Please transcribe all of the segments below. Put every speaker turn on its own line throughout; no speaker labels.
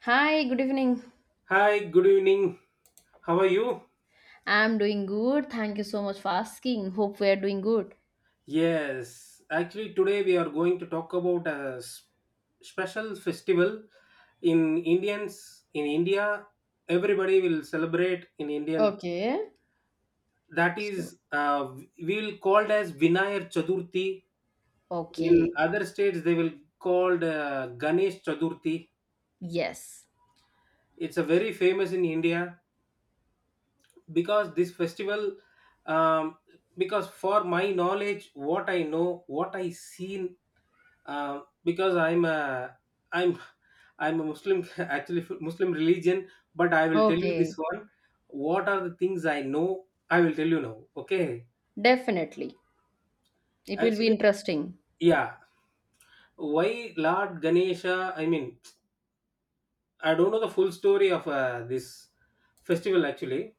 Hi, good evening.
Hi, good evening. How are you?
I'm doing good. Thank you so much for asking. Hope we are doing good.
Yes, actually, today we are going to talk about a special festival in Indians in India. Everybody will celebrate in Indian.
Okay.
That
So,
is, we will called as Vinayar Chaturthi. In
okay.
other states, they will called Ganesh Chaturthi.
Yes.
It's a very famous in India because this festival um, because for my knowledge what I know what I seen because I'm I'm a Muslim actually Muslim religion. But I will tell you this
Okay.
one. What are the things I know? I will tell you now. Okay,
Definitely. It will be
actually,
interesting.
yeah. Why Lord Ganesha? I mean, I don't know the full story of this festival actually.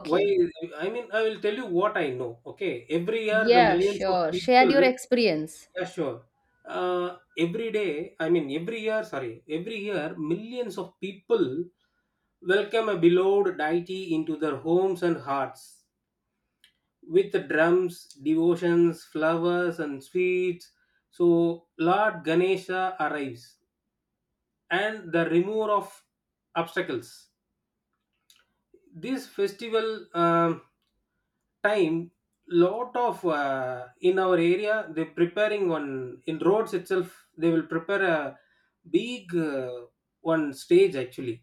Why? I mean, I will tell you what I know. Okay, every year the
Yeah,
millions of
sure. Share
people.
your experience.
Yeah, sure. Every day, I mean, every year, sorry, every year, millions of people welcome a beloved deity into their homes and hearts with drums, devotions, flowers, and sweets. So, Lord Ganesha arrives and the remover of obstacles. This festival time, lot of in our area they preparing one in roads itself, they will prepare a big one stage actually,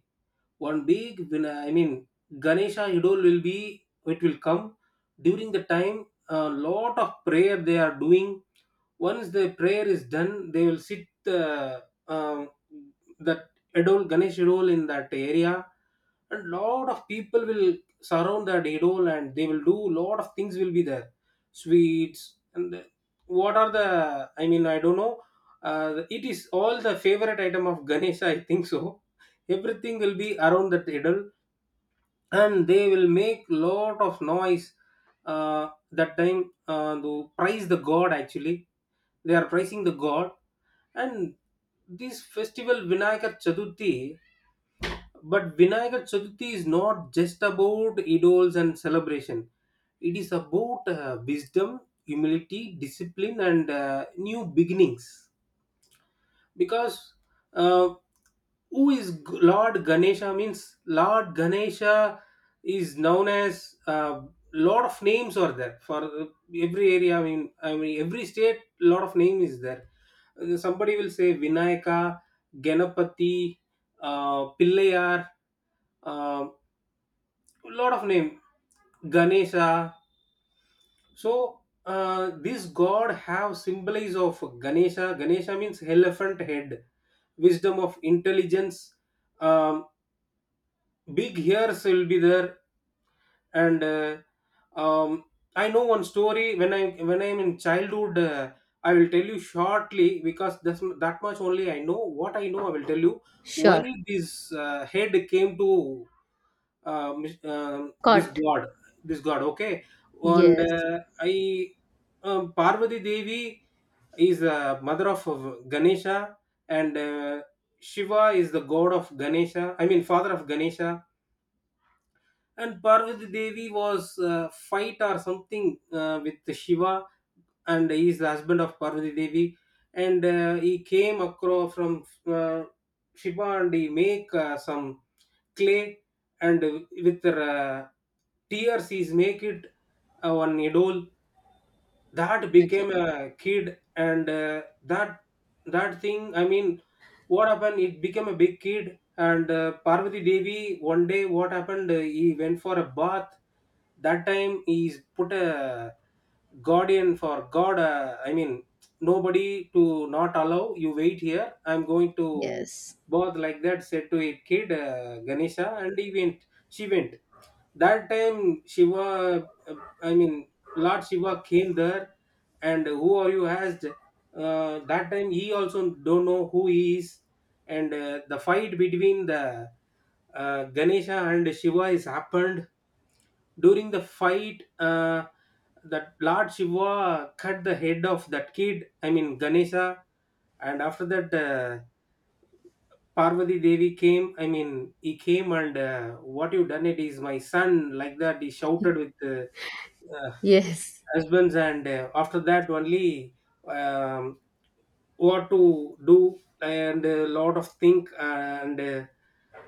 one big winner, I mean Ganesha idol will be, it will come during the time, a lot of prayer they are doing. Once the prayer is done, they will sit, uh, um that idol, Ganesh idol in that area, and lot of people will surround that idol and they will do lot of things will be there. Sweets and the- what are the, I mean I don't know, uh, it is all the favorite item of Ganesh, I think so. Everything will be around that idol and they will make lot of noise that time, to praise the god actually. They are praising the god. And this festival, Vinayakar Chaturthi. But Vinayakar Chaturthi is not just about idols and celebration, it is about wisdom, humility, discipline, and new beginnings. Because, uh, who is Lord Ganesha means Lord Ganesha is known as, a lot of names are there for every area. I mean every state, lot of name is there. Somebody will say Vinayaka, Ganapati, Pillayar, uh, lot of name, Ganesha. So this god have symbols of Ganesha. Ganesha means elephant head, wisdom of intelligence. Um, big ears will be there, and um, I know one story when I'm in childhood. I will tell you shortly because that's that much only I know, what I know I will tell you why
Sure.
this head came to this
Cut.
god, this god. Okay, and
Yes.
I Parvati Devi is the mother of Ganesha, and Shiva is the god of Ganesha, I mean father of Ganesha. And Parvati Devi was fight or something with Shiva, and he is the husband of Parvati Devi. And he came across from Shiva, and he make some clay, and with tears he's make it one idol. That
Okay.
became a kid, and that that thing, I mean what happened, it became a big kid. And Parvati Devi one day, what happened, he went for a bath. That time he put a guardian for god, I mean nobody to not allow, you wait here, I'm going to
Yes.
bath, like that said to it kid, Ganesha. And he went, she went. That time Shiva, I mean Lord Shiva came there, and who are you asked. That time he also don't know who he is. And the fight between the Ganesha and Shiva is happened. During the fight, that Lord Shiva cut the head of that kid, I mean Ganesha. And after that, Parvati Devi came, I mean, he came and what you done, it is my son, like that. He shouted with uh,
Yes.
husbands. And after that, only um, what to do, and a lot of think, and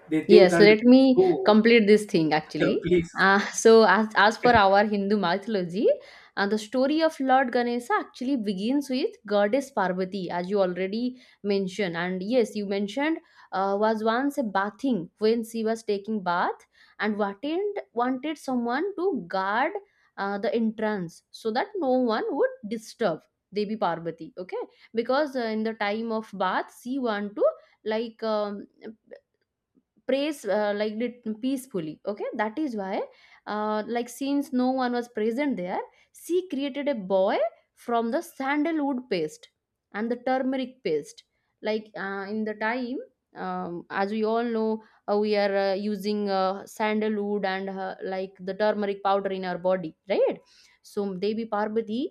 they think,
Yes,
and
let me
go.
complete this thing
Yeah,
actually.
please.
So, as for our Hindu mythology, the story of Lord Ganesha actually begins with goddess Parvati, as you already mentioned. And yes, you mentioned was once a bathing when she was taking bath and wanted someone to guard the entrance so that no one would disturb Devi Parvati. Okay, because in the time of bath, she want to like. Praise like it peacefully, okay, that is why like since no one was present there, she created a boy from the sandalwood paste and the turmeric paste, like in the time. As we all know, we are using sandalwood and like the turmeric powder in our body, right? So Devi Parvati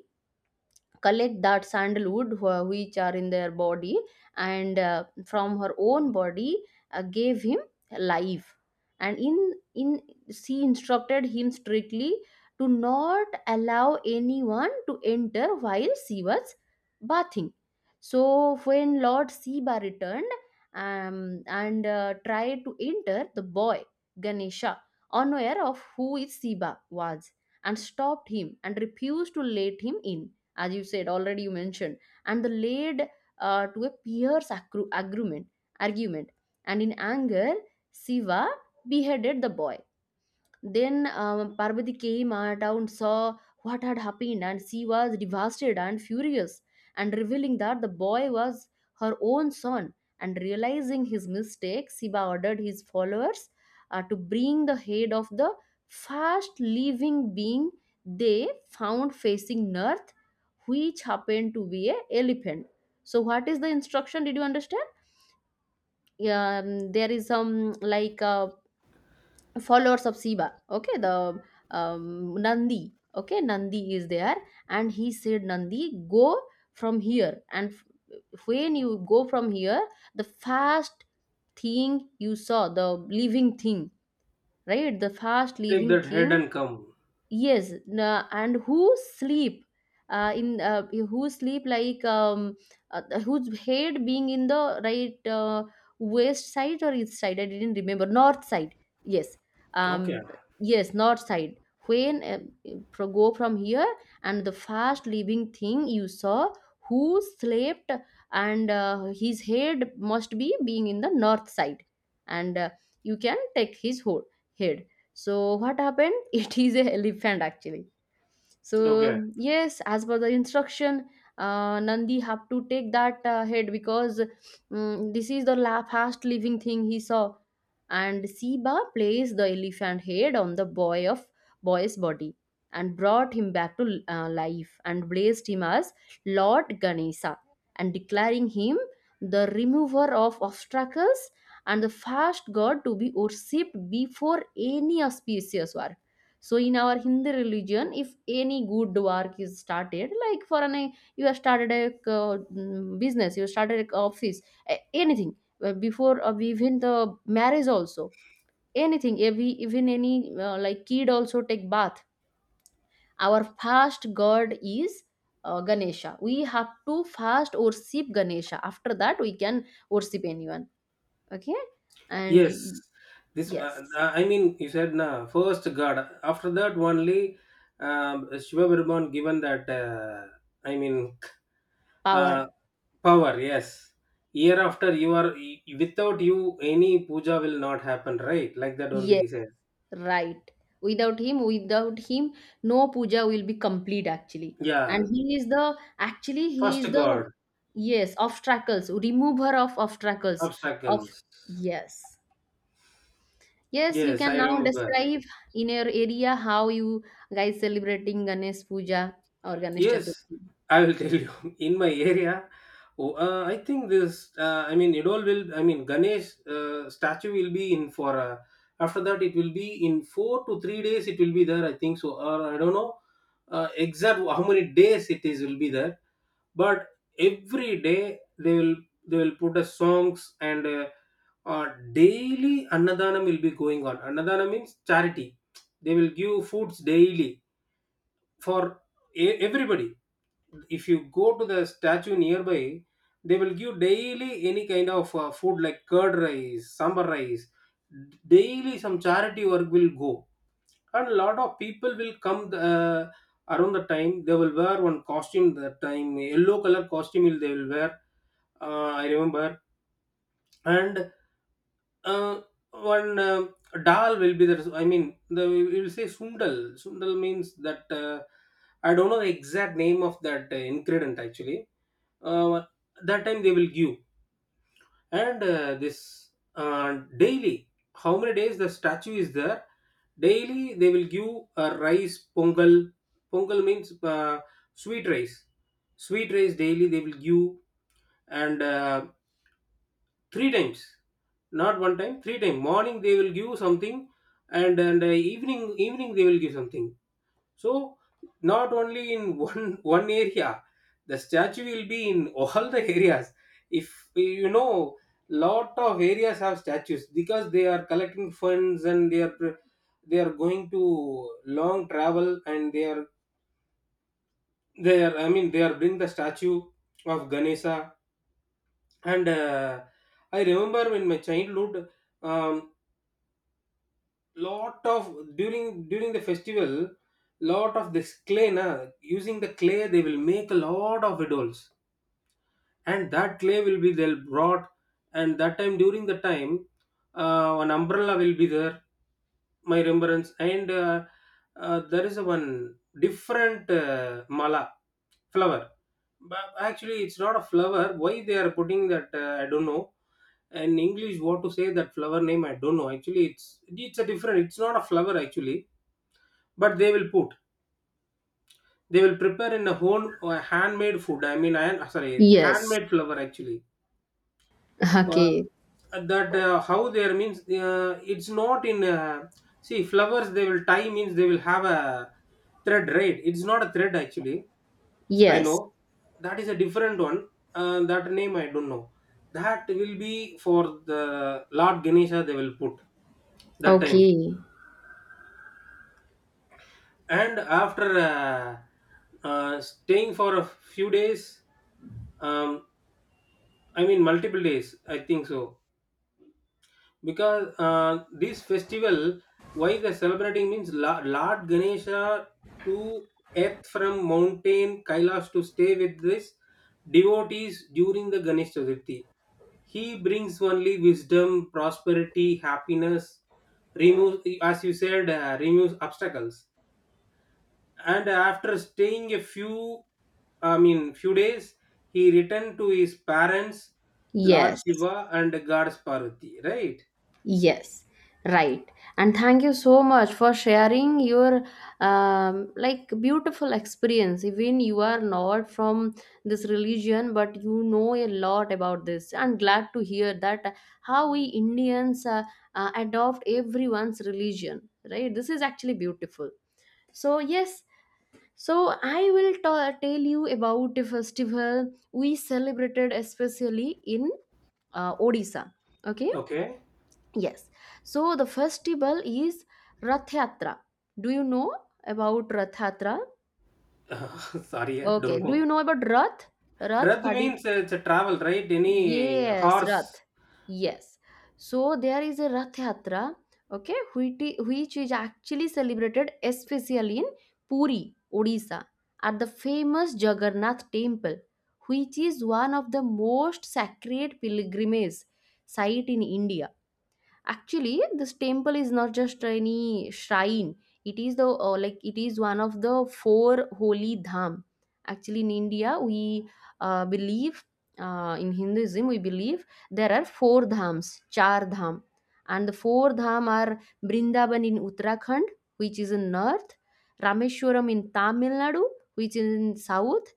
collect that sandalwood which are in their body, and from her own body gave him life. And in in she instructed him strictly to not allow anyone to enter while she was bathing. So when Lord Siba returned, um, and tried to enter, the boy Ganesha, unaware of who is Siba was, and stopped him and refused to let him in, as you said, already you mentioned. And the laid to a fierce agreement, argument. And in anger, Siva beheaded the boy. Then Parvati came out and saw what had happened, and she was devastated and furious, and revealing that the boy was her own son. And realizing his mistake, Siva ordered his followers to bring the head of the first living being they found facing north, which happened to be a elephant. So, what is the instruction? Did you understand? Yeah. There is some like followers of Siva. Okay, the Nandi. Okay, Nandi is there, and he said, Nandi, go from here. And when you go from here, the first thing you saw, the living thing, right? The first
Take
living
that head
thing,
and come.
yes. And who sleep in who sleep like whose head being in the right west side or east side, I didn't remember, north side. Yes.
Okay,
um, yes, north side. When go from here, and the fast living thing you saw who slept, and his head must be being in the north side, and you can take his whole head. So what happened? It is a elephant actually.
okay,
So yes, as per the instruction, Nandi have to take that head because, mm, this is the fast living thing he saw. And Siba placed the elephant head on the boy's body and brought him back to life and blessed him as Lord Ganesha, and declaring him the remover of obstacles and the first god to be worshipped before any auspicious work. So in our Hindu religion, if any good work is started, like for an, you have started a business, you started an office, anything, before even the marriage also, anything, every, even any like kid also take bath, our first god is Ganesha. We have to first worship Ganesha, after that we can worship anyone. Okay. And
yes. This,
yes,
I mean, you said na first God, after that, only Shiva Brahman given that. I mean, Uh,
power.
power, yes. Year after you are without you, any puja will not happen, right? Like that only
Yes,
he said.
right. Without him, no puja will be complete actually.
Yeah,
And he is the actually, he
first
is the,
God,
yes, obstacles, remover of obstacles of,
obstacles.
yes. Yes, you
Yes,
can
I
now
remember.
describe in your area how you guys celebrating Ganesh Puja or Ganesh
Yes,
Chaturthi.
I will tell you. In my area, oh, I think this. I mean, it all will. I mean, Ganesh statue will be in for. After that, it will be in 4 to 3 days. It will be there, I think so, or I don't know exact how many days it is will be there. But every day they will, they will put a songs and uh, daily annadanam will be going on. Annadanam means charity, they will give foods daily for everybody. If you go to the statue nearby, they will give daily any kind of food like curd rice, sambar rice, daily some charity work will go. And a lot of people will come. uh, around the time they will wear one costume, that time yellow color they will wear, I remember. And uh, one dal will be there, I mean the, we will say sundal. Sundal means that, I don't know the exact name of that ingredient actually. uh, that time they will give. And this daily, how many days the statue is there, daily they will give a rice pongal. Pongal means uh, sweet rice. Sweet rice daily they will give. And three times, not one time, three times. Morning they will give something, and evening, evening they will give something. So not only in one one area, the statue will be in all the areas. If you know, lot of areas have statues because they are collecting funds and they are they are going to long travel, and they are, they are I mean they are bring the statue of Ganesha. And I remember in my childhood. Um, lot of, during the festival, lot of this clay na, using the clay they will make a lot of idols. And that clay will be they'll brought. And that time, during the time, one umbrella will be there, my remembrance. And there is a one different mala flower, but actually it's not a flower, why they are putting that I don't know. In English what to say that flower name, I don't know actually. It's a different, it's not a flower actually, but they will put. They will prepare in a home handmade food. I mean, I sorry,
Yes.
handmade flour actually. Uh,
Okay.
that how there means it's not in. See, flowers they will tie means they will have a thread, right? It's not a thread actually. I
Yes.
know that is a different one. That name I don't know. That will be for the Lord Ganesha. They will put that time.
Okay.
And after staying for a few days, um, I mean multiple days I think so, because this festival, why they're celebrating means, Lord Ganesha to earth from mountain Kailash to stay with this devotees during the Ganesh Chaturthi. He brings only wisdom, prosperity, happiness, removes, as you said, removes obstacles. And after staying a few, I mean few days, he returned to his parents Lord
Yes.
Shiva and Goddess Parvati, right?
Yes, right. And thank you so much for sharing your like beautiful experience. Even you are not from this religion, but you know a lot about this. I'm glad to hear that how we Indians adopt everyone's religion, right? This is actually beautiful. So yes, so I will tell you about a festival we celebrated especially in Odisha. Okay.
Okay.
Yes. So the festival is Rath Yatra. Do you know about Rath Yatra?
Sorry, I
Okay.
don't
Do you
know.
know about Rath? Rath,
Rath
what did?
means it's a travel, right? Any
Yes,
horse.
Rath. Yes. So there is a Rath Yatra, okay, which, which is actually celebrated especially in Puri, Odisha, at the famous Jagannath Temple, which is one of the most sacred pilgrimage site in India. Actually, this temple is not just any shrine. It is the like it is one of the four holy dham. Actually in India, we believe, in Hinduism we believe there are four dhams, char dham, and the four dham are Brindaban in Uttarakhand, which is in north, Rameshwaram in Tamil Nadu, which is in south,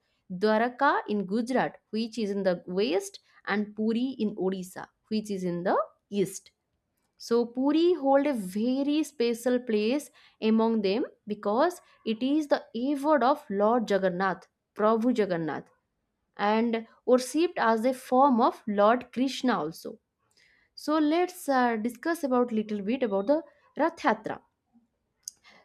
Dwarka in Gujarat, which is in the west, and Puri in Odisha, which is in the east. So Puri hold a very special place among them because it is the abode of Lord Jagannath, Prabhu Jagannath, and worshipped as a form of Lord Krishna also. So let's discuss about little bit about the Rath Yatra.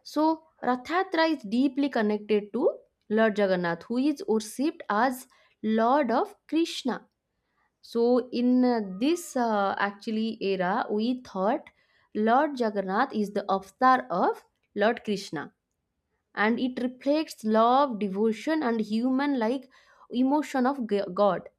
So Rath Yatra is deeply connected to Lord Jagannath, who is worshipped as Lord of Krishna. So in this actually era, we thought Lord Jagannath is the avatar of Lord Krishna, and it reflects love, devotion, and human-like emotion of God.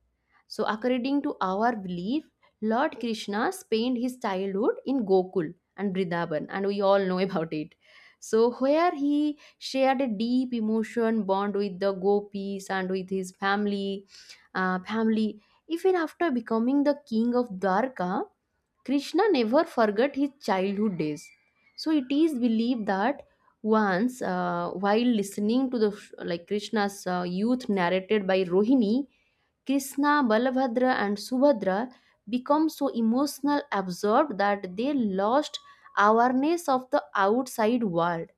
So, according to our belief, Lord Krishna spent his childhood in Gokul and Vrindavan, and we all know about it. So, where he shared a deep emotion bond with the gopis and with his family. Even after becoming the king of Dwarka, Krishna never forgot his childhood days. So, it is believed that once, while listening to the like Krishna's youth narrated by Rohini, Krishna, Balabhadra, and Subhadra become so emotional absorbed that they lost awareness of the outside world,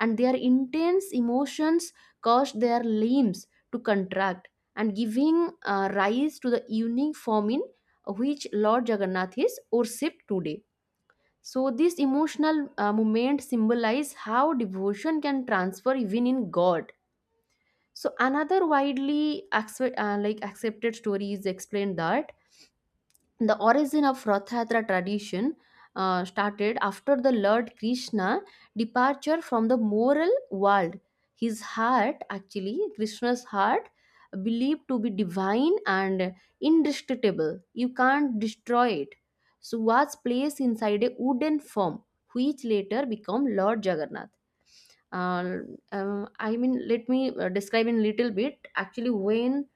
and their intense emotions caused their limbs to contract and giving rise to the unique form in which Lord Jagannath is worshipped today. So, this emotional movement symbolizes how devotion can transfer even in God. So another widely like accepted story is explained that the origin of Rathatra tradition started after the Lord Krishna departure from the moral world. His heart, actually, Krishna's heart, believed to be divine and indestructible. You can't destroy it. So was placed inside a wooden form, which later became Lord Jagannath. uh, I mean, let me describe in little bit actually. When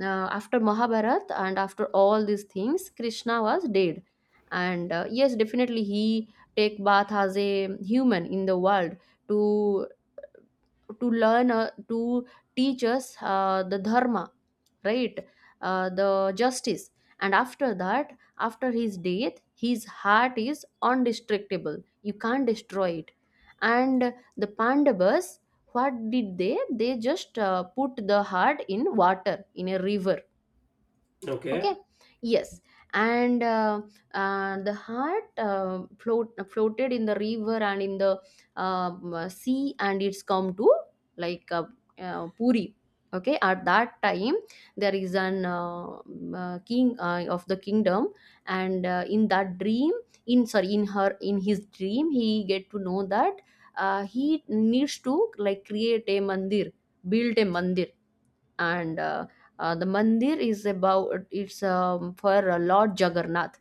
after Mahabharat and after all these things, Krishna was dead. And yes, definitely he take bath as a human in the world to to learn to teach us the dharma, right, the justice. And after that, after his death, his heart is undestructible, you can't destroy it. And the Pandavas, what did they just put the heart in water, in a river.
Okay.
Okay. Yes. And the heart floated in the river and in the sea, and it's come to like Puri. Okay, at that time, there is an king of the kingdom, and in that dream, in, sorry, in her in his dream he get to know that he needs to like create a mandir, build a mandir. And the mandir is about, it's for Lord Jagannath.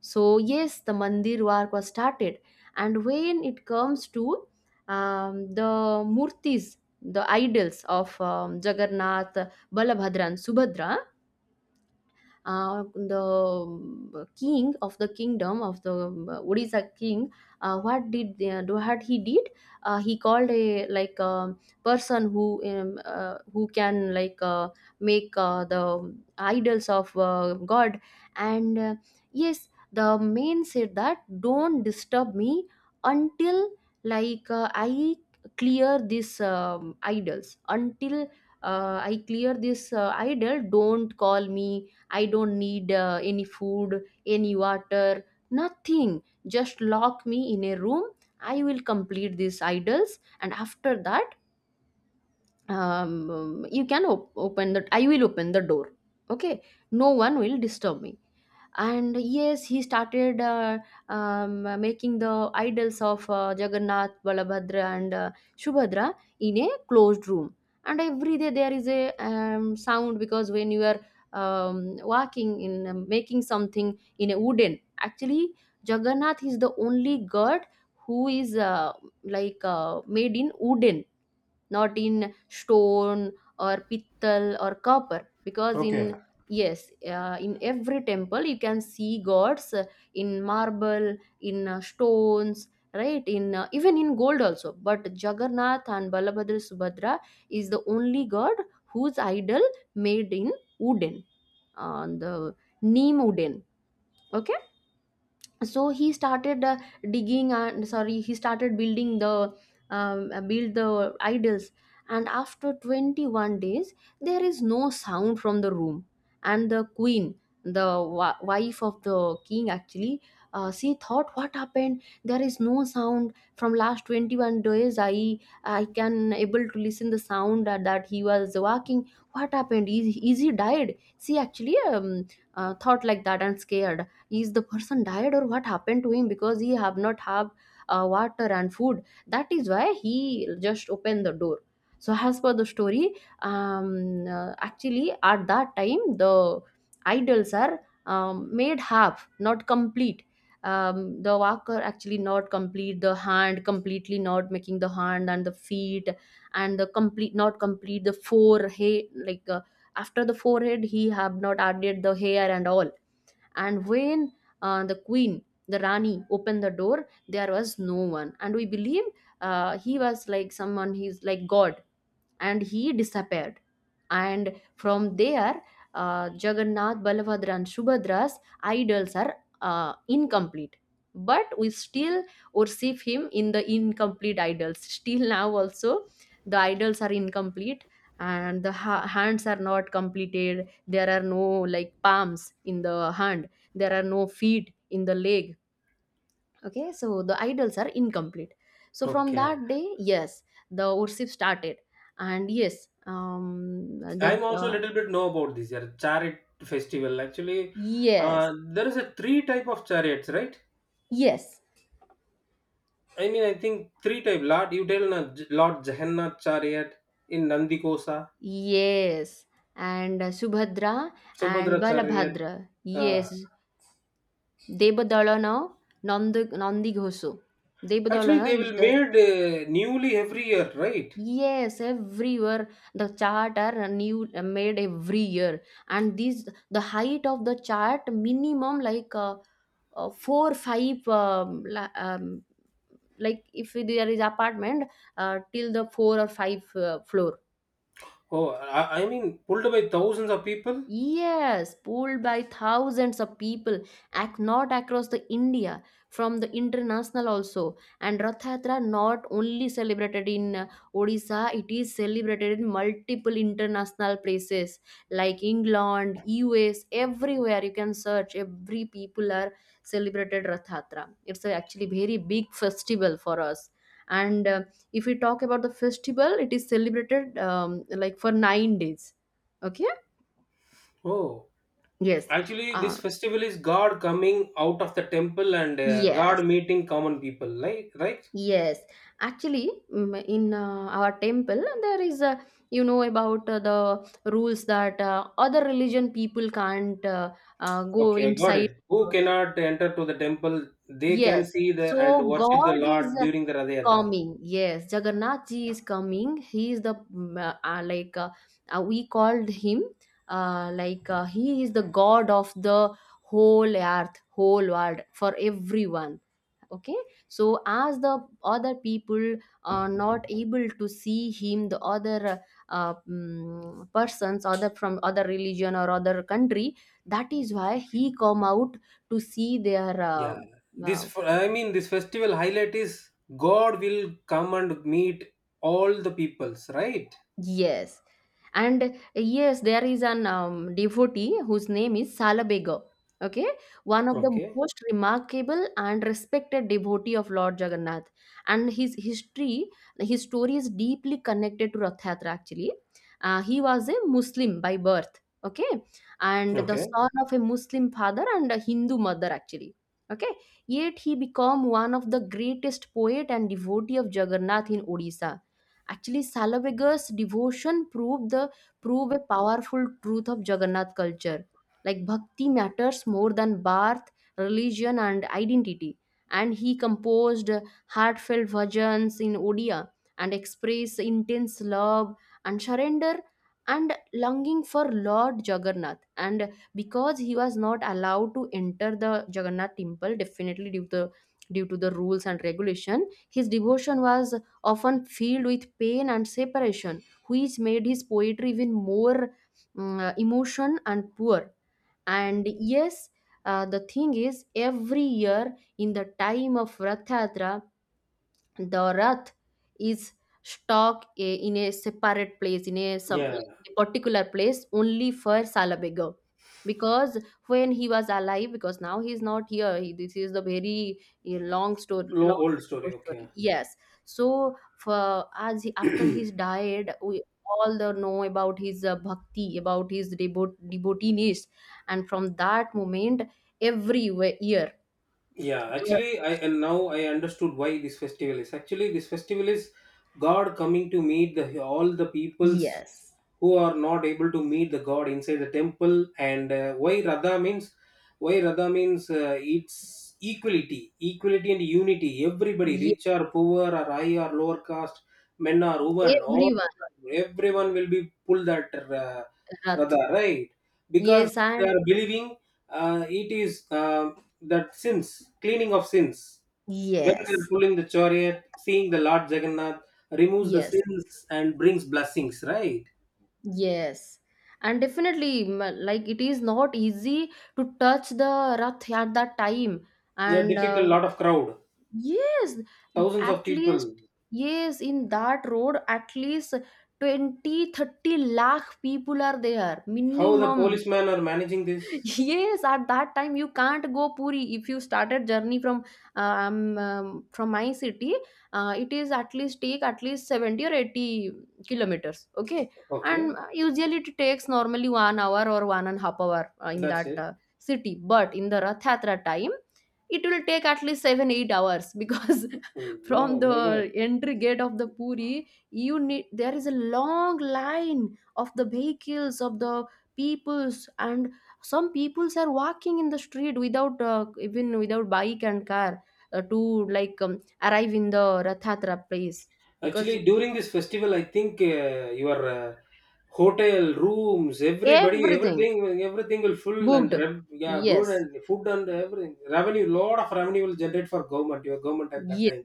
So yes, the mandir work was started, and when it comes to the murtis, the idols of Jagannath, Balabhadra, and Subhadra, the king of the kingdom of the Odisha king, what did what he did? He called a like person who can make the idols of God. And uh, yes, the man said that, "Don't disturb me until I clear this idols, until I clear this idol, don't call me. I don't need any food, any water, nothing. Just lock me in a room. I will complete these idols, and after that you can op- open the I will open the door. Okay, no one will disturb me." And yes, he started making the idols of Jagannath, Balabhadra, and Shubhadra in a closed room. And every day there is a sound, because when you are walking in, making something in a wooden. Actually, Jagannath is the only god who is made in wooden, not in stone or pittal or copper, because in,
Okay.
yes, in every temple you can see gods in marble, in stones, right, in even in gold also. But Jagannath and Balabhadra, Subhadra is the only god whose idol made in wooden, on the neem wooden. Okay, so he started digging and sorry he started building the build the idols, and after 21 days there is no sound from the room. And the queen, the wife of the king, actually she thought, what happened? There is no sound from last 21 days. I can able to listen the sound that, he was walking. What happened? Is he died? She actually thought like that and scared, is the person died or what happened to him, because he have not have water and food. That is why he just opened the door. So as per the story, actually at that time the idols are made half, not complete. The walker actually not complete the hand, completely not making the hand and the feet, and the complete not complete the forehead. After the forehead, he have not added the hair and all. And when the queen, the rani, opened the door, there was no one, and we believed he was like someone, he's like god, and he disappeared. And from there, Jagannath, Balabhadra, and Subhadra's idols are incomplete. But we still worship him in the incomplete idols. Still now, also, the idols are incomplete, and the hands are not completed. There are no like palms in the hand, there are no feet in the leg. Okay, so the idols are incomplete. So from
Okay.
that day, yes, the worship started. And yes, um the
I'm also a
uh,
little bit know about this year chariot festival. Actually,
yes,
there is a three type of chariots, right?
yes
I mean, I think three type. Lord, you tell na, Lord Jagannath chariot, in Nandikosa,
yes And Subhadra. And
Subhadracharya.
Balabhadra,
Uh,
yes, devadalana, nandi ghosu.
actually,
Devadalana
they
is
will
the,
made newly every year, right?
yes, everywhere the chart are new made every year, and these the height of the chart minimum like 4 5 like if there is apartment, till the four or five floor.
Oh, I mean, pulled by thousands of people.
Yes, polled by thousands of people, not across the India, from the international also. And Rath Yatra not only celebrated in Odisha, it is celebrated in multiple international places like England, US, everywhere you can search. Every people are celebrated Rath Yatra. It's a actually very big festival for us. And if we talk about the festival, it is celebrated like for 9 days. Okay.
Oh,
Yes.
actually,
Uh,
this festival is God coming out of the temple and
yes.
God meeting common people, like right?
Yes. Actually, in our temple, there is a, you know, about the rules that other religion people can't go
Okay, I got
inside.
it. Who cannot enter to the temple, they can
Yes.
see the and
So
worship the
God is
Lord during the Rath Yatra.
coming. Yes. Jagannath Ji is coming. He is the, we called him, he is the God of the whole earth, whole world, for everyone. Okay, so as the other people are not able to see him, the other persons, other from other religion or other country, that is why he come out to see their
Yeah, this
uh,
I mean, this festival highlight is God will come and meet all the peoples, right?
yes. And yes, there is an devotee whose name is Salabega. Okay, one of the
Okay,
most remarkable and respected devotee of Lord Jagannath, and his history, his story is deeply connected to Rath Yatra. Actually, he was a Muslim by birth. Okay, and the
okay.
son of a Muslim father and a Hindu mother. Actually, okay, yet he became one of the greatest poet and devotee of Jagannath in Odisha. Actually, Salavega's devotion proved the prove a powerful truth of Jagannath culture. Like bhakti matters more than birth, religion, and identity. And he composed heartfelt bhajans in Odia and expressed intense love and surrender and longing for Lord Jagannath. And because he was not allowed to enter the Jagannath temple, definitely due to the rules and regulation, his devotion was often filled with pain and separation, which made his poetry even more emotion and poor. And yes, the thing is, every year in the time of Rathatra, the rath is stuck i- in a separate place, in a some
Yeah,
in a particular place only for Salabega, because when he was alive. Because now he's not here, he, this is the very long story,
low old
long
story. Okay.
story, yes. So for as he, after he's died, we all the know about his bhakti, about his devotees, and from that moment every year
yeah,
there,
actually, I and now I understood why this festival is. Actually, this festival is God coming to meet the all the peoples
yes.
who are not able to meet the god inside the temple. And why radha means, why radha means it's equality, equality and unity. Everybody
Ye-
rich or poor or high or lower caste, men or women, all,
Everyone.
everyone will be pulled that uh,
Rath.
radha, right? Because
Yes,
they
and
are believing, it is uh, that sins, cleaning of sins, when they are
yes,
pulling the chariot, seeing the Lord Jagannath, removes the
yes,
sins and brings blessings, right?
yes. And definitely, like it is not easy to touch the Rath at that time.
Yeah,
And
difficult, lot of crowd,
yes,
thousands of
at least,
people.
yes, in that road, at least 20 30 lakh people are there,
How the
minimum.
policemen are managing this?
Yes, at that time you can't go Puri. If you started journey from my city, it is at least take at least 70 or 80 kilometers. Okay,
Okay,
and usually it takes normally 1 hour or one and a half hour in
that's
that
it.
city, but in the Rath Yatra time it will take at least 7 8 hours, because
Mm,
from
oh my God!
the entry gate of the Puri, you need, there is a long line of the vehicles of the peoples, and some peoples are walking in the street without even without bike and car to like arrive in the Rathatra place, because
Actually, during this festival, I think your hotel rooms, everybody,
everything
everything, everything will full and
booked.
yeah, good
Yes.
and food and everything. Revenue, lot of revenue will generate for government. Your government at that time.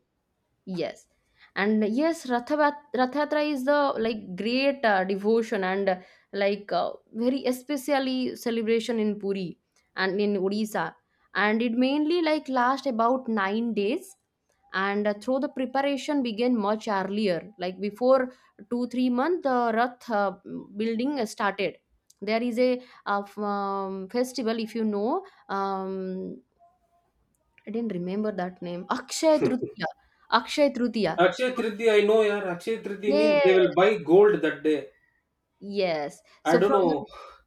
Yes. And yes, Rath Yatra is the like great devotion and very especially celebration in Puri and in Odisha. And it mainly like last about 9 days. And through the preparation began much earlier, like before 2 3 months, the Rath building started. There is a, festival, if you know, I didn't remember that name. Akshaya Tritiya. Akshaya Tritiya.
Akshay Tritiya, I know, yeah. Akshay Tritiya means they
Yes.
will buy gold that day.
Yes.
I
So
don't
from the,
know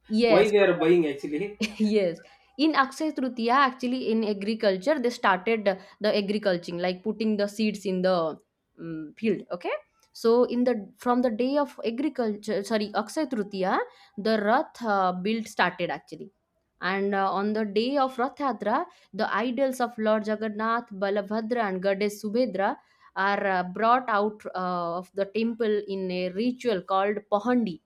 yes,
why they are buying actually,
yes. In Akshaya Tritiya, actually in agriculture, they started the agriculturing, like putting the seeds in the field. Okay. So in the from the day of agriculture, sorry, Akshaya Tritiya, the Rath build started actually. And on the day of Rath Yatra, the idols of Lord Jagannath, Balabhadra, and Goddess Subhedra are brought out of the temple in a ritual called Pohandi,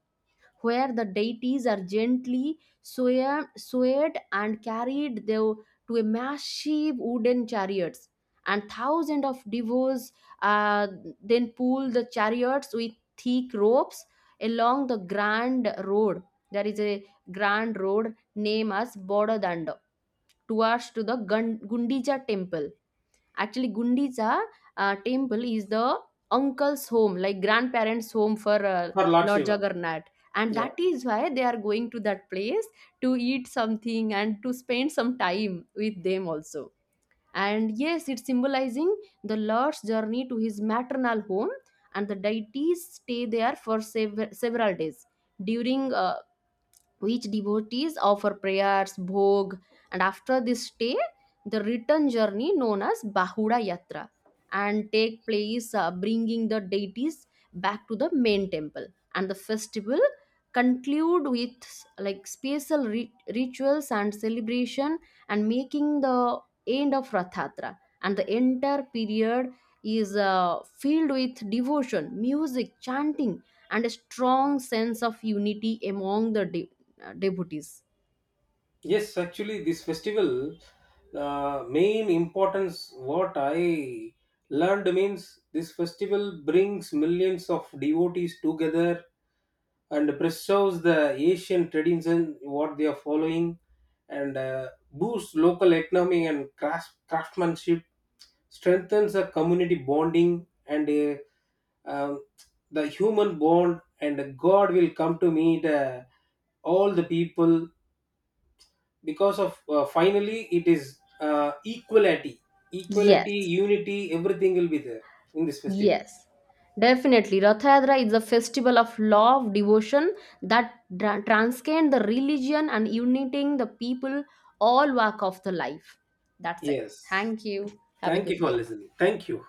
where the deities are gently swayed and carried though to a massive wooden chariots. And thousands of devos uh, then pull the chariots with thick ropes along the grand road. There is a grand road named as Bododanda, towards to the Gundija temple. Actually, Gundicha temple is the uncle's home, like grandparents' home for
for Lord
Lord
Shiva.
Jagannath. And
Yeah.
that is why they are going to that place to eat something and to spend some time with them also. And yes, it's symbolizing the Lord's journey to his maternal home, and the deities stay there for several days during which devotees offer prayers, bhog, and after this stay, the return journey known as Bahura Yatra and take place bringing the deities back to the main temple. And the festival conclude with like special rituals and celebration and making the end of Rathatra. And the entire period is filled with devotion, music, chanting, and a strong sense of unity among the devotees.
Yes, actually, this festival main importance, what I learned means, this festival brings millions of devotees together and preserves the Asian tradition what they are following, and boosts local economy and crafts, craftsmanship, strengthens the community bonding, and um, the human bond, and God will come to meet all the people. Because of finally it is equality, equality
Yes,
unity, everything will be there in this festival.
yes. Definitely. Rath Yatra is a festival of love, devotion that transcend the religion and uniting the people all walk of the life. That's it.
Yes,
Thank you. Have a
thank you
good
for
day.
listening, thank you.